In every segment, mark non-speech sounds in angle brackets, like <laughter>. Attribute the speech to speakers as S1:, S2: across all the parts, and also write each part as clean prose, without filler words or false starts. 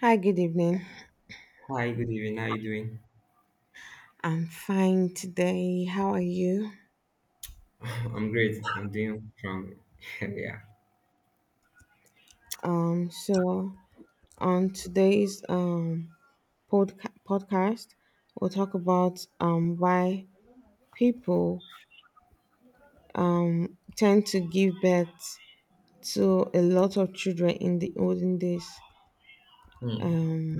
S1: Hi, good evening.
S2: Hi, good evening. How are you doing?
S1: I'm fine today. How are you?
S2: <laughs> I'm great. I'm doing strong. <laughs> Yeah.
S1: So on today's podcast, we'll talk about why people tend to give birth to a lot of children in the olden days.
S2: Hmm.
S1: Um,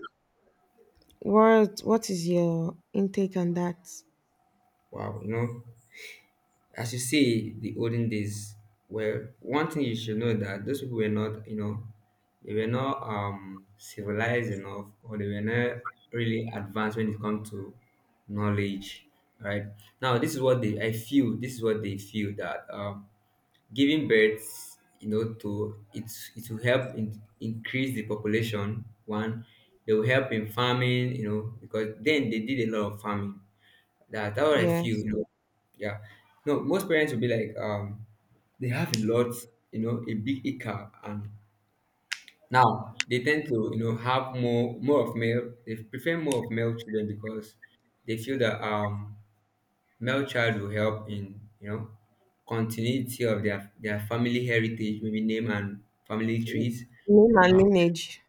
S1: what is your intake on that?
S2: Wow. You know, as you see, the olden days. Well, one thing you should know, that those people were not, you know, they were not civilized enough, or they were not really advanced when it comes to knowledge. Right now, this is what they. I feel this is what they feel, that giving birth, to it will help in, increase the population. One, they will help in farming, because then they did a lot of farming. That's what I feel,
S1: Yes,
S2: yeah. No, most parents will be like, they have a lot, a big acre. And now they tend to, have more of male. They prefer more of male children because they feel that male child will help in, continuity of their family heritage, maybe name and family trees.
S1: name and
S2: um,
S1: lineage.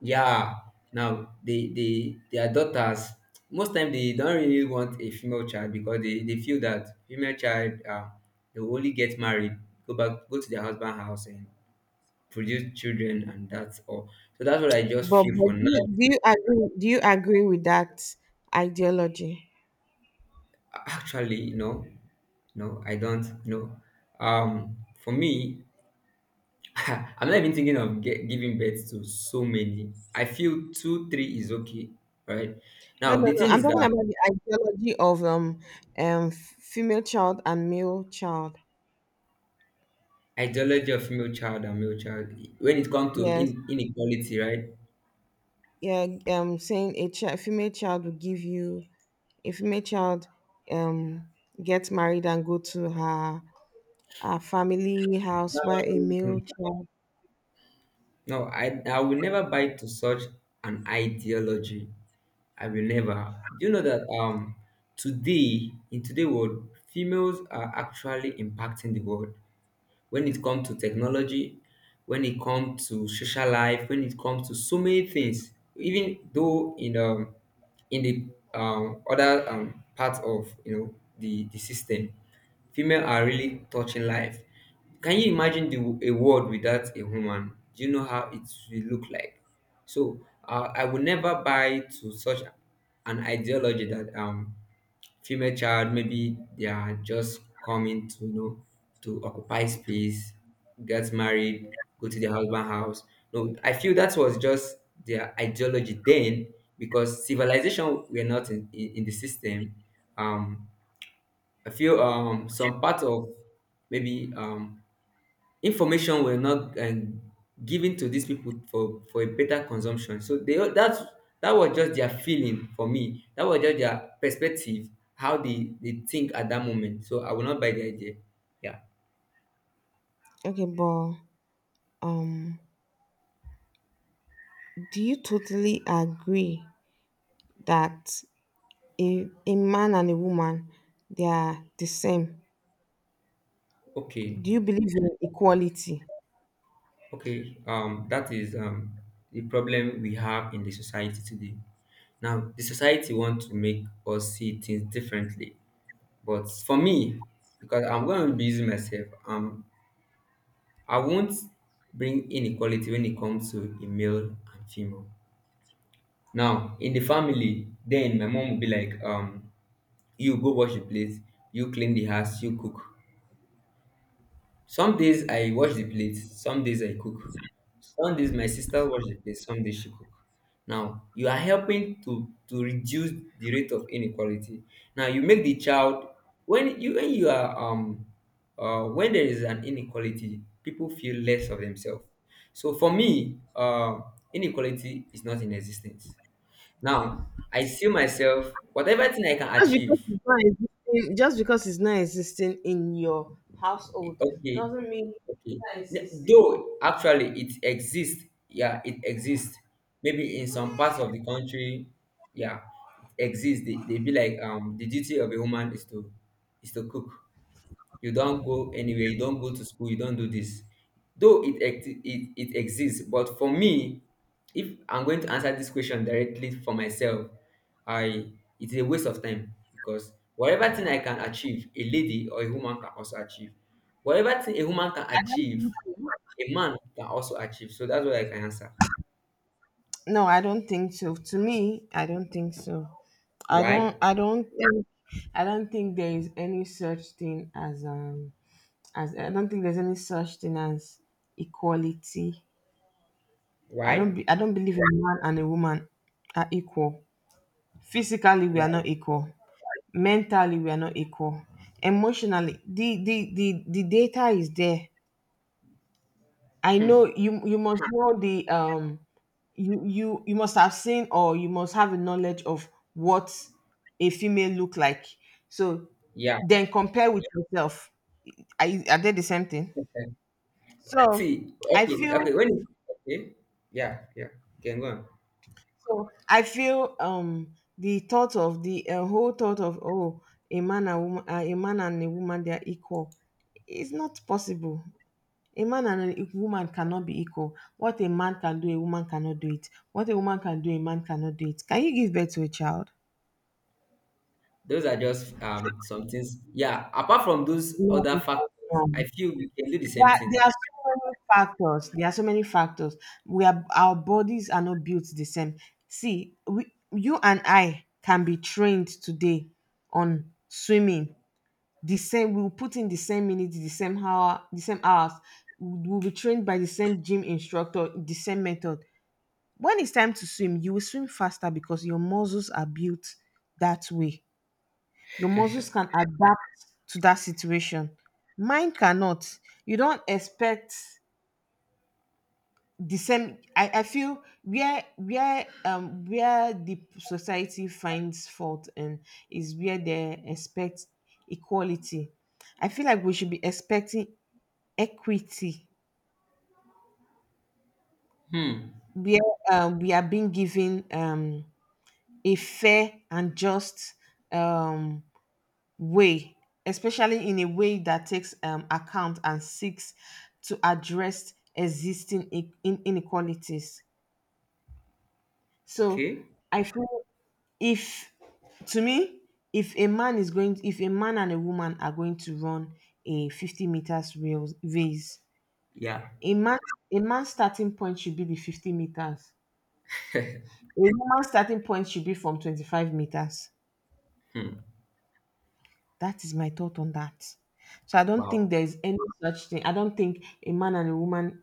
S2: yeah. Now they their daughters, most time they don't really want a female child, because they feel that female child, they will only get married, go to their husband house and produce children, and that's all. So that's what I just
S1: But
S2: feel
S1: but
S2: for
S1: do
S2: now.
S1: you, do you agree with that ideology?
S2: Actually, no, I don't, for me. <laughs> I'm not even thinking of giving birth to so many. I feel two, three is okay, right?
S1: No,
S2: Now
S1: no,
S2: the
S1: no.
S2: thing
S1: I'm
S2: is
S1: talking about
S2: that
S1: the ideology of female child and male child.
S2: ideology of male child and male child, when it comes to
S1: Yes,
S2: inequality, right?
S1: yeah. Saying a female child will give you a female child um gets married and go to her family house while a male
S2: Mm.
S1: child.
S2: No, I will never buy to such an ideology. I will never. Do you know that today in today world, females are actually impacting the world, when it comes to technology, when it comes to social life, when it comes to so many things. Even though in the other part of, the system, female are really touching life. Can you imagine the a world without a woman? Do you know how it will look like? So I will never buy to such an ideology that female child, maybe they are just coming to, to occupy space, get married, go to their husband house. No, I feel that was just their ideology then, because civilization were not in the system. um I feel some part of, maybe information were not given to these people, for a better consumption. So they that's that was just their feeling. For me, that was just their perspective, how they think at that moment. So I will not buy the idea. Yeah.
S1: Okay, but um, do you totally agree that a man and a woman they are the same?
S2: Okay.
S1: Do you believe in equality?
S2: Okay. That is the problem we have in the society today. Now the society want to make us see things differently, but for me, because I'm going to be using myself, I won't bring inequality when it comes to a male and female. Now, in the family, then my mom will be like, you go wash the plate, you clean the house, you cook. Some days I wash the plate, some days I cook. Some days my sister wash the plate, some days she cook. Now you are helping to reduce the rate of inequality. Now you make the child, when you are when there is an inequality, people feel less of themselves. So for me, inequality is not in existence. Now I see myself, whatever thing I can
S1: Just because
S2: achieve.
S1: it's not existing, just because it's not existing in your household
S2: Okay,
S1: doesn't mean it's
S2: okay.
S1: not existing.
S2: Though actually it exists, yeah, it exists. Maybe in some parts of the country, yeah, it exists. They be like, the duty of a woman is to cook. You don't go anywhere, you don't go to school, you don't do this. Though it exists. But for me, if I'm going to answer this question directly for myself, I it's a waste of time, because whatever thing I can achieve, a lady or a woman can also achieve. Whatever thing a woman can achieve, a man can also achieve. So that's what I can answer.
S1: No, I don't think so. To me, I don't think so. I don't.
S2: Why?
S1: I don't think. I don't think there is any such thing as I don't think there's any such thing as equality. I don't.
S2: Why?
S1: I don't believe a man and a woman are equal. Physically, we are
S2: Why?
S1: not equal. Mentally, we are not equal. Emotionally, the data is there. I
S2: Hmm.
S1: know you must know the you must have seen or you must have a knowledge of what a female look like. So
S2: Yeah.
S1: then compare with yourself. Are they the same thing?
S2: Okay. See,
S1: So I
S2: okay,
S1: feel
S2: okay, okay. Yeah, yeah, can go on.
S1: so I feel the thought of the whole thought of a man and a woman they are equal. It's not possible. A man and a woman cannot be equal. What a man can do, a woman cannot do it. What a woman can do, a man cannot do it. Can you give birth to a child?
S2: Those are just some things. Yeah, apart from those
S1: Yeah.
S2: other
S1: you
S2: factors, I feel we can do the same
S1: There
S2: thing.
S1: are so many factors. There are so many factors. We are our bodies are not built the same. You and I can be trained today on swimming. The same, we'll put in the same minutes, the same hours. We'll be trained by the same gym instructor, the same method. When it's time to swim, you will swim faster because your muscles are built that way. Your muscles can adapt to that situation. Mine cannot. You don't expect the same. I feel where the society finds fault and is where they expect equality. I feel like we should be expecting equity
S2: Hmm.
S1: where we are being given a fair and just um, way, especially in a way that takes account and seeks to address existing inequalities. So
S2: Okay.
S1: I feel if, to me, if a man is going, if a man and a woman are going to run a 50 meters race,
S2: Yeah.
S1: a man, a man's starting point should be the 50 meters. A woman's starting point should be from 25 meters.
S2: Hmm.
S1: That is my thought on that. So I don't think
S2: Wow.
S1: there is any such thing. I don't think a man and a woman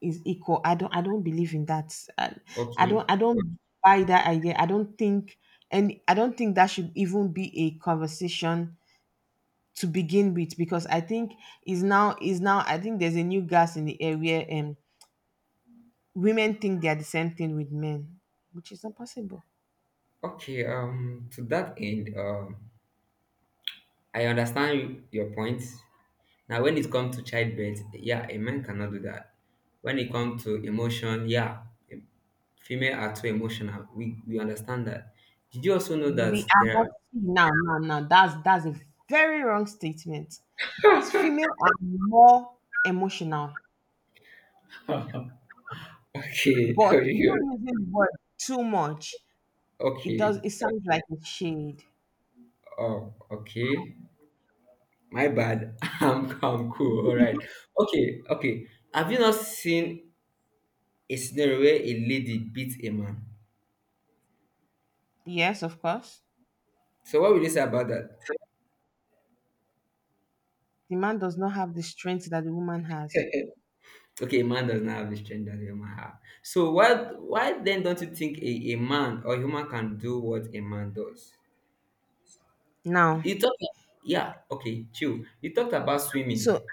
S1: is equal. I don't believe in that. I, I don't
S2: Okay.
S1: I don't buy that idea. I don't think and I don't think that should even be a conversation to begin with because I think is now I think there's a new gas in the air where women think they are the same thing with men, which is not possible.
S2: Okay. To that end, I understand your point. Now, when it comes to childbirth, yeah, a man cannot do that. When it comes to emotion, yeah, female are too emotional. We understand that. Did you also know
S1: We
S2: that
S1: are not
S2: there
S1: Now that's a very wrong statement. Female are more emotional,
S2: are <laughs> Okay.
S1: but you're
S2: <laughs>
S1: using the word too much. It
S2: Okay.
S1: does. It sounds like a shade.
S2: Oh, okay. My bad. <laughs> I'm cool. All right. Okay. Okay. Have you not seen a scenario where a lady beats a man?
S1: Yes, of course.
S2: So what will you say about that?
S1: The man does not have the strength that the woman has.
S2: Okay, a man does not have the strength that a woman have. So what? Why then don't you think a man or human can do what a man does?
S1: Now,
S2: You talked. Yeah. Okay. Chill. You talked about swimming.
S1: so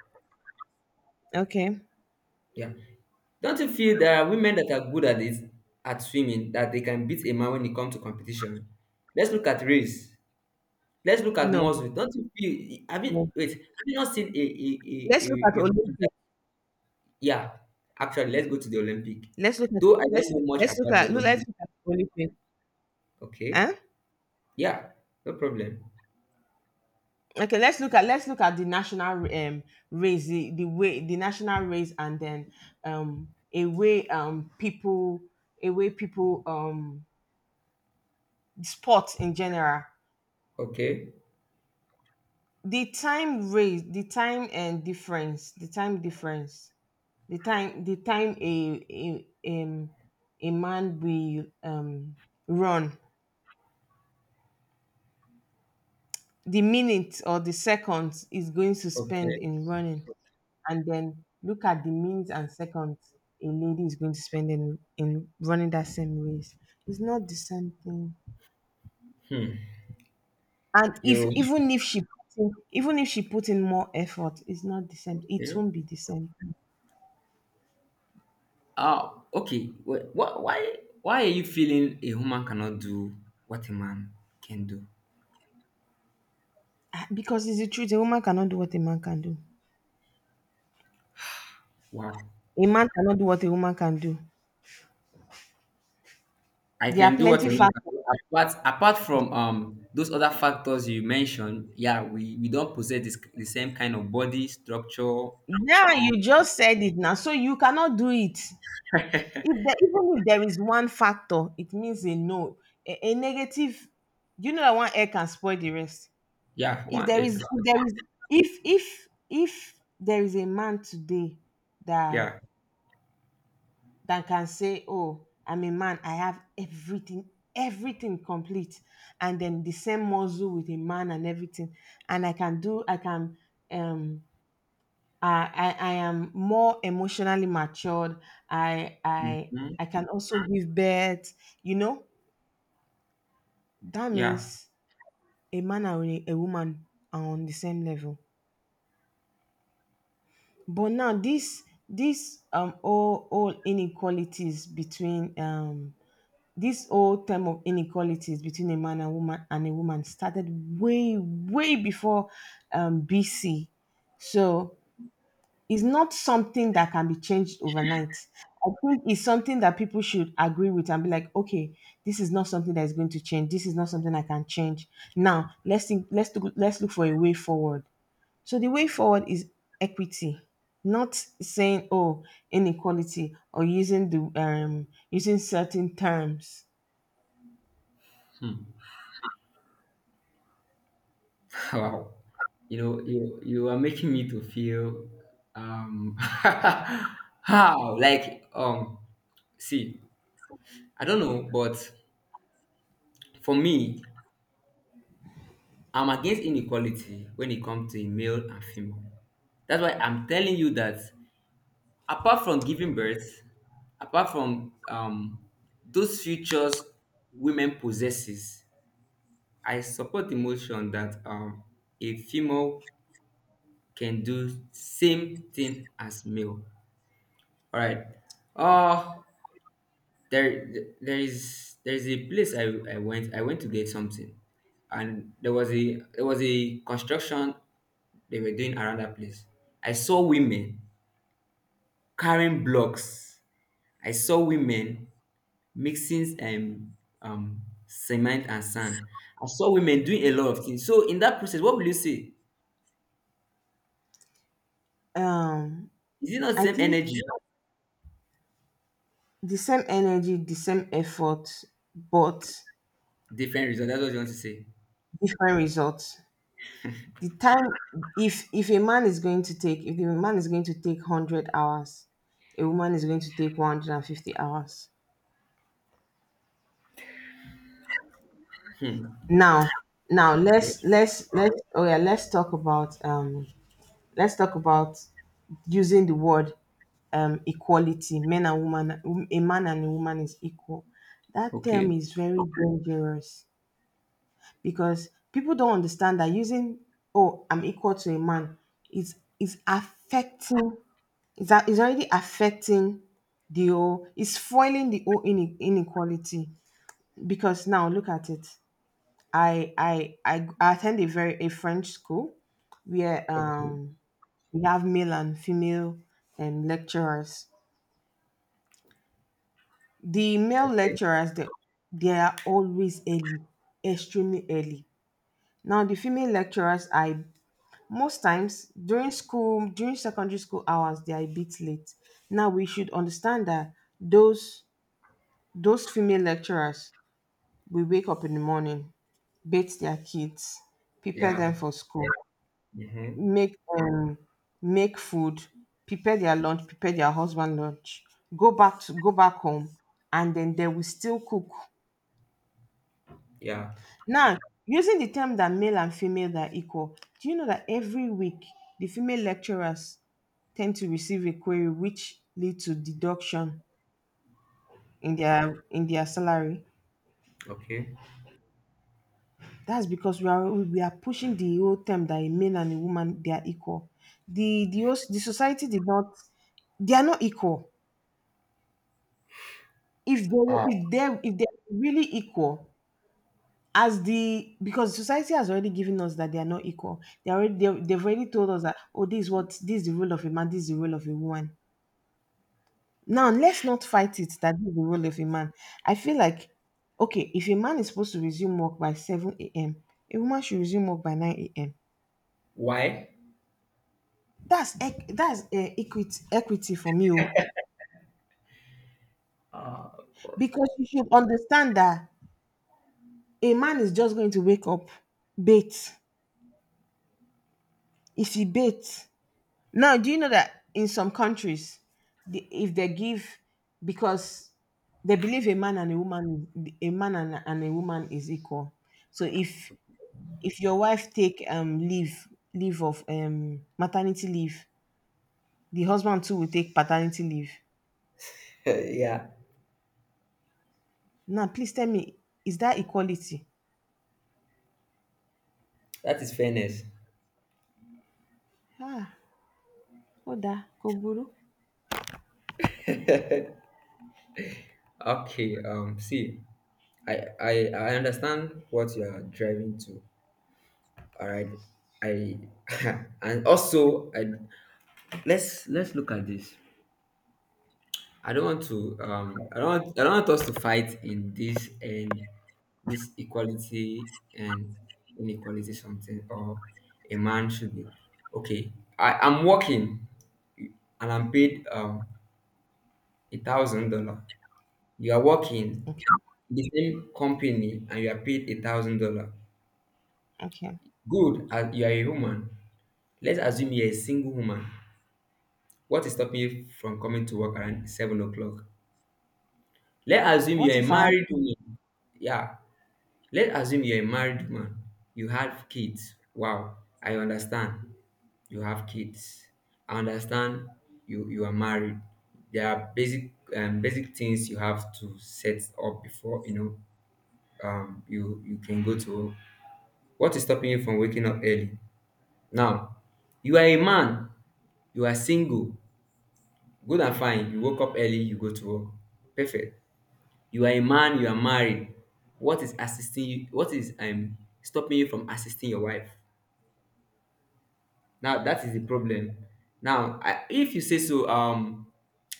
S1: okay,
S2: Yeah. Don't you feel there are women that are good at it at swimming, that they can beat a man when it comes to competition? Let's look at race. Let's look at
S1: no,
S2: Mosul. Don't you feel? Have
S1: no.
S2: you, wait? Have you not seen
S1: Let's look at
S2: a, a woman that,
S1: Olympic.
S2: yeah? Actually, let's go to the Olympic.
S1: Let's look at
S2: Though I don't
S1: let's
S2: know much
S1: let's look
S2: about the
S1: at look, let's
S2: Olympic.
S1: look at Olympic.
S2: Okay.
S1: Huh?
S2: Yeah. No problem.
S1: Okay, let's look at the national race, the way the national race, and then um a way um people a way people sports in general.
S2: Okay.
S1: The time difference the time a a man will run the minute or the seconds is going to spend
S2: Okay.
S1: in running and then look at the minutes and seconds a lady is going to spend in running that same race. It's not the same thing.
S2: Hmm.
S1: And if
S2: You
S1: even if she put even if she put in more effort, it's not the same. It
S2: okay?
S1: won't be the same.
S2: Oh, okay. Why are you feeling a woman cannot do what a man can do?
S1: Because it's the truth. A woman cannot do what a man can do.
S2: Wow.
S1: A man cannot do what a woman can do.
S2: I
S1: There are
S2: can do what
S1: plenty
S2: I want. to
S1: factors.
S2: do. Apart from those other factors you mentioned, yeah, we don't possess the same kind of body structure.
S1: Yeah, you
S2: We
S1: just said it now. So you cannot do it.
S2: <laughs>
S1: If there, even if there is one factor, it means a no, a negative. You know that one air can spoil the rest.
S2: Yeah,
S1: If
S2: one
S1: there
S2: egg
S1: is,
S2: as
S1: if
S2: well.
S1: there is, if there is a man today that
S2: Yeah.
S1: that can say, "Oh, I'm a man, I have everything, everything complete. And then the same muscle with a man and everything. And I can do, I can um I am more emotionally matured. I I
S2: Mhm.
S1: I can also give birth, you know." That
S2: Yeah.
S1: means a man and a woman are on the same level. But now this all inequalities between this old term of inequalities between a man and woman and a woman started way, way before BC. So it's not something that can be changed overnight. I think it's something that people should agree with and be like, okay, this is not something that is going to change. This is not something I can change. Now let's look for a way forward. So the way forward is equity, not saying oh inequality or using the using certain terms.
S2: Hmm. <laughs> Wow, you know, you are making me to feel <laughs> how, like, see, I don't know, but for me, I'm against inequality when it comes to male and female. That's why I'm telling you that, apart from giving birth, apart from, those features women possesses, I support the motion that, a female can do same thing as male. All right. uh there there is a place. I went to get something, and there was a construction they were doing around that place. I saw women carrying blocks. I saw women mixing um cement and sand. I saw women doing a lot of things. So in that process, what will you say?
S1: um
S2: Is it not
S1: I
S2: same
S1: think
S2: energy,
S1: the same energy, the same effort, but
S2: different result? That's what you want to say.
S1: different results. The time if a man is going to take if a man is going to take 100 hours, a woman is going to take 150 hours.
S2: Hmm.
S1: Now now
S2: Okay.
S1: let's oh yeah, let's talk about using the word equality. Men and woman, a man and a woman is equal. That term
S2: Okay.
S1: is very dangerous because people don't understand that using oh I'm equal to a man is affecting, that is already affecting the whole, is foiling the whole inequality. Because now look at it, I attend a French school where
S2: Okay.
S1: we have male and female lecturers. the male
S2: Okay.
S1: lecturers they, they are always early, extremely early. Now the female lecturers are most times during school, during secondary school hours, they are a bit late. Now we should understand that those those female lecturers will wake up in the morning, bathe their kids, prepare
S2: Yeah.
S1: them for school,
S2: Mm-hmm.
S1: make make food, prepare their lunch, prepare their husband lunch, go back home, and then they will still cook.
S2: Yeah.
S1: Now, using the term that male and female are equal, do you know that every week the female lecturers tend to receive a query which lead to deduction in their salary?
S2: Okay.
S1: That's because we are pushing the whole term that a male and a woman they are equal. The society did not, they are not equal.
S2: Ah.
S1: If they are really equal, as the, because society has already given us that they are not equal, they already they've already told us that oh this is what, this is the role of a man, this is the role of a woman. Now let's not fight it that this is the role of a man. I feel like okay, if a man is supposed to resume work by 7 a.m, a woman should resume work by 9 a.m.
S2: Why?
S1: That's equity for me. Oh because you should understand that a man is just going to wake up, bait, if he bait. Now, do you know that in some countries, if they give, because they believe a man and a woman, and a woman is equal. So if your wife take leave, leave of maternity leave, the husband too will take paternity leave.
S2: <laughs> Yeah.
S1: Now, please tell me, is that equality?
S2: That is fairness.
S1: Ah, Oda, Koguru.
S2: Okay. See, I understand what you are driving to. All right. I <laughs> and also I let's look at this. I don't want us to fight in this, and this equality and inequality something. Or a man should be okay. I'm working and I'm paid $1,000. You are working
S1: Okay,
S2: in the same company, and you are paid $1,000.
S1: okay.
S2: Good as you are a woman. Let's assume you're a single woman. What is stopping you from coming to work around 7 o'clock? Let's assume
S1: What
S2: you're a
S1: if I ask,
S2: married woman. Yeah, let's assume you're a married man. You have kids. Wow, I understand. You have kids. I understand. You are married. There are basic, basic things you have to set up before, you can go to work. What is stopping you from waking up early? Now, you are a man. You are single. Good and fine. You woke up early. You go to work. Perfect. You are a man. You are married. What is assisting you? What is stopping you from assisting your wife? Now that is the problem. Now, if you say so,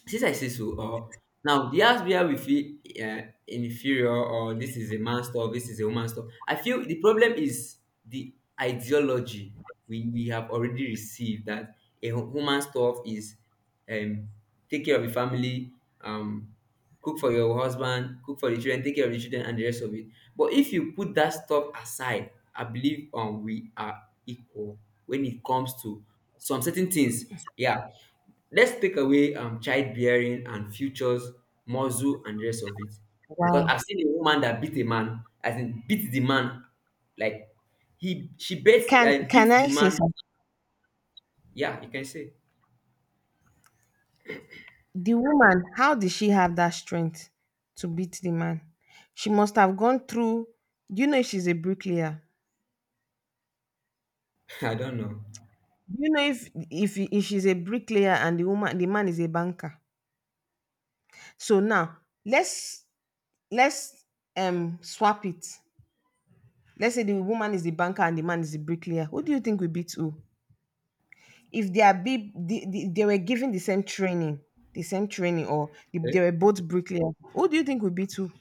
S2: since I say so, now that's where we feel, inferior, or this is a man's stuff, this is a woman's stuff. I feel the problem is the ideology we have already received, that a woman's stuff is, um, take care of the family, um, cook for your husband, cook for the children, take care of the children, and the rest of it. But if you put that stuff aside, I believe, we are equal when it comes to some certain things. Yeah, let's take away childbearing and futures, muscle and the rest of it. Because
S1: why?
S2: I've seen a woman that beat a man, as in beat the man, like he she beats.
S1: can
S2: I
S1: can
S2: beat the
S1: I say
S2: man.
S1: something?
S2: Yeah, you can say.
S1: The woman, how did she have that strength to beat the man? She must have gone through. Do you know if she's a bricklayer?
S2: <laughs> I don't know.
S1: Do you know if she's a bricklayer and the man is a banker? So now let's let's swap it. Let's say the woman is the banker and the man is the bricklayer. Who do you think will beat who? If they are be they were given the same training, or if
S2: Eh,
S1: they were both bricklayers, who do you think will beat who?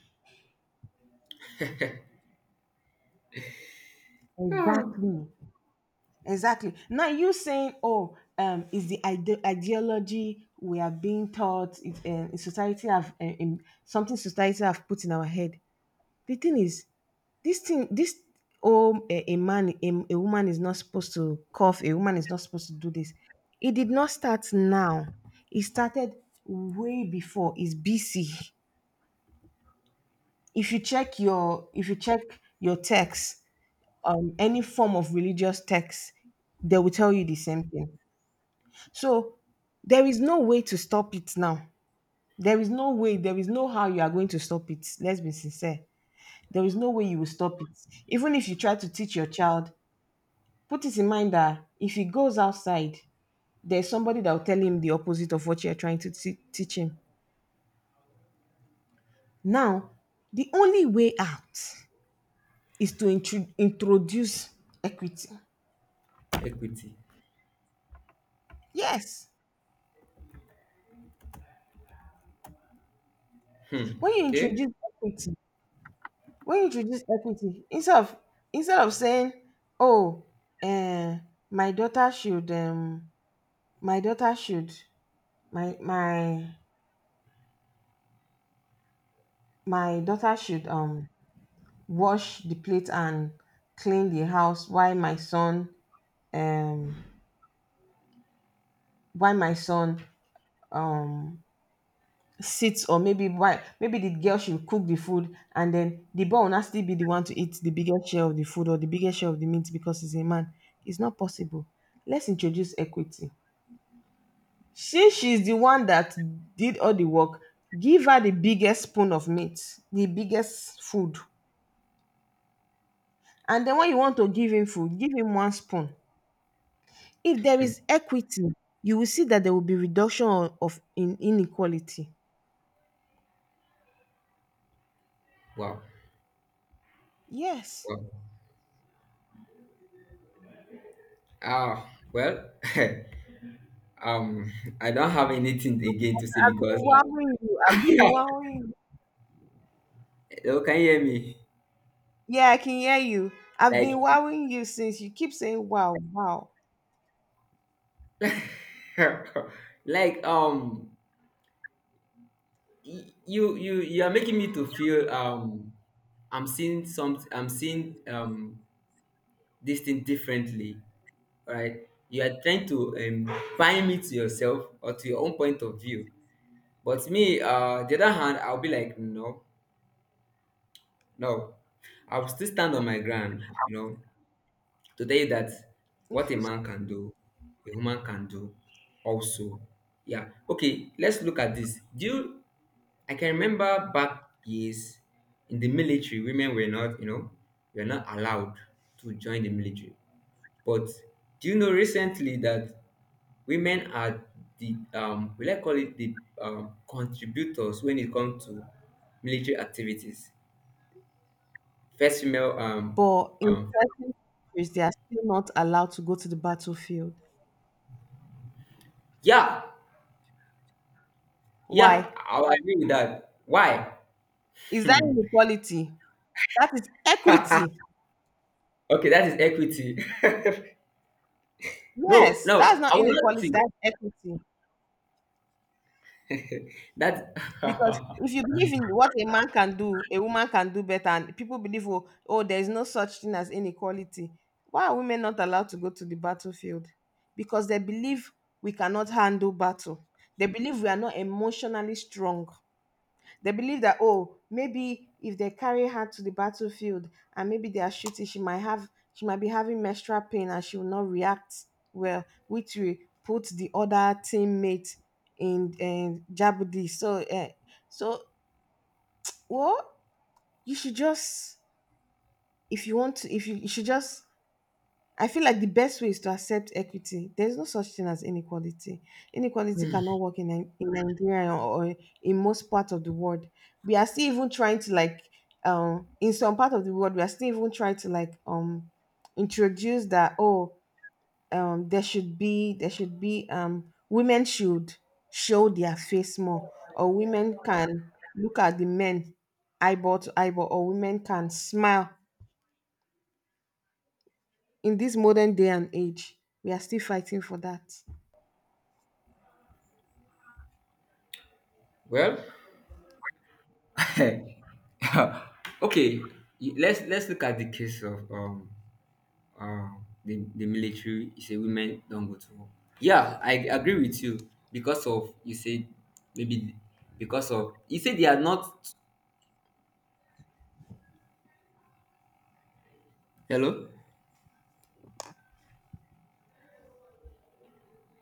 S1: Exactly. Exactly. Now you saying, "Oh, is the ideology we are being taught in society have in something society have put in our head." The thing is, this oh, a man, a woman is not supposed to cough. A woman is not supposed to do this. It did not start now. It started way before. It's BC. If you check your text, any form of religious text, they will tell you the same thing. So there is no way to stop it now. There is no way, there is no how you are going to stop it. Let's be sincere. There is no way you will stop it. Even if you try to teach your child, put it in mind that if he goes outside, there's somebody that will tell him the opposite of what you're trying to teach him. Now, the only way out is to introduce equity.
S2: equity.
S1: Yes.
S2: Hmm.
S1: When you
S2: Okay.
S1: introduce equity, when you introduce equity instead of saying oh um my daughter should my daughter should my my my daughter should wash the plate and clean the house um while my son um sits. Or maybe why maybe the girl should cook the food, and then the boy will not still be the one to eat the biggest share of the food or the biggest share of the meat because he's a man. It's not possible. Let's introduce equity. Since she's the one that did all the work, give her the biggest spoon of meat, the biggest food, and then when you want to give him food, give him one spoon. If there is equity, you will see that there will be reduction o- of in inequality.
S2: Wow.
S1: Yes.
S2: Wow. Uh, well, <laughs> um, I don't have anything again to say,
S1: I've been
S2: because
S1: wowing you. I've been <laughs> wowing you.
S2: <laughs> hello, can you hear me?
S1: Yeah, I can hear you. I've been
S2: Like,
S1: wowing you since you keep saying wow, wow.
S2: <laughs> like, you are making me to feel, I'm seeing this thing differently, right? You are trying to bind me to yourself or to your own point of view. But me, the other hand, I'll be like, no, no, I'll still stand on my ground. Today, that
S1: If
S2: what a
S1: you
S2: man can do, a woman can do also. Yeah. Okay, let's look at this. Do you I can remember back years in the military, women were not, allowed to join the military. But do you know recently that women are the will I call it the contributors when it comes to military activities? First female
S1: But in
S2: um
S1: certain countries they are still not allowed to go to the battlefield.
S2: yeah, yeah,
S1: Why?
S2: I agree with that. Why?
S1: Is that
S2: Hmm.
S1: inequality? That is equity.
S2: Okay, that is equity. <laughs> No,
S1: Yes,
S2: no,
S1: that's not
S2: I will not
S1: inequality,
S2: see
S1: that's equity.
S2: <laughs> that.
S1: Because if you believe in
S2: <laughs>
S1: what a man can do, a woman can do better, and people believe, oh there is no such thing as inequality. Why are women not allowed to go to the battlefield? Because they believe we cannot handle battle. They believe we are not emotionally strong. They believe that oh, maybe if they carry her to the battlefield and maybe they are shooting, she might have, she might be having menstrual pain and she will not react well, which will put the other teammate in jeopardy. So so well, you should just if you, you should just, I feel like the best way is to accept equity. There's no such thing as inequality. Inequality cannot work in Nigeria or in most parts of the world. We are still even trying to in some part of the world, we are still even trying to like, introduce that oh, there should be women should show their face more, or women can look at the men eyeball to eyeball, or women can smile in this modern day and age. We are still fighting for that.
S2: Well, <laughs> okay, let's look at the case of, uh, the military. You say women don't go to war. Yeah, I agree with you because of you said, maybe because of you said they are not. Hello.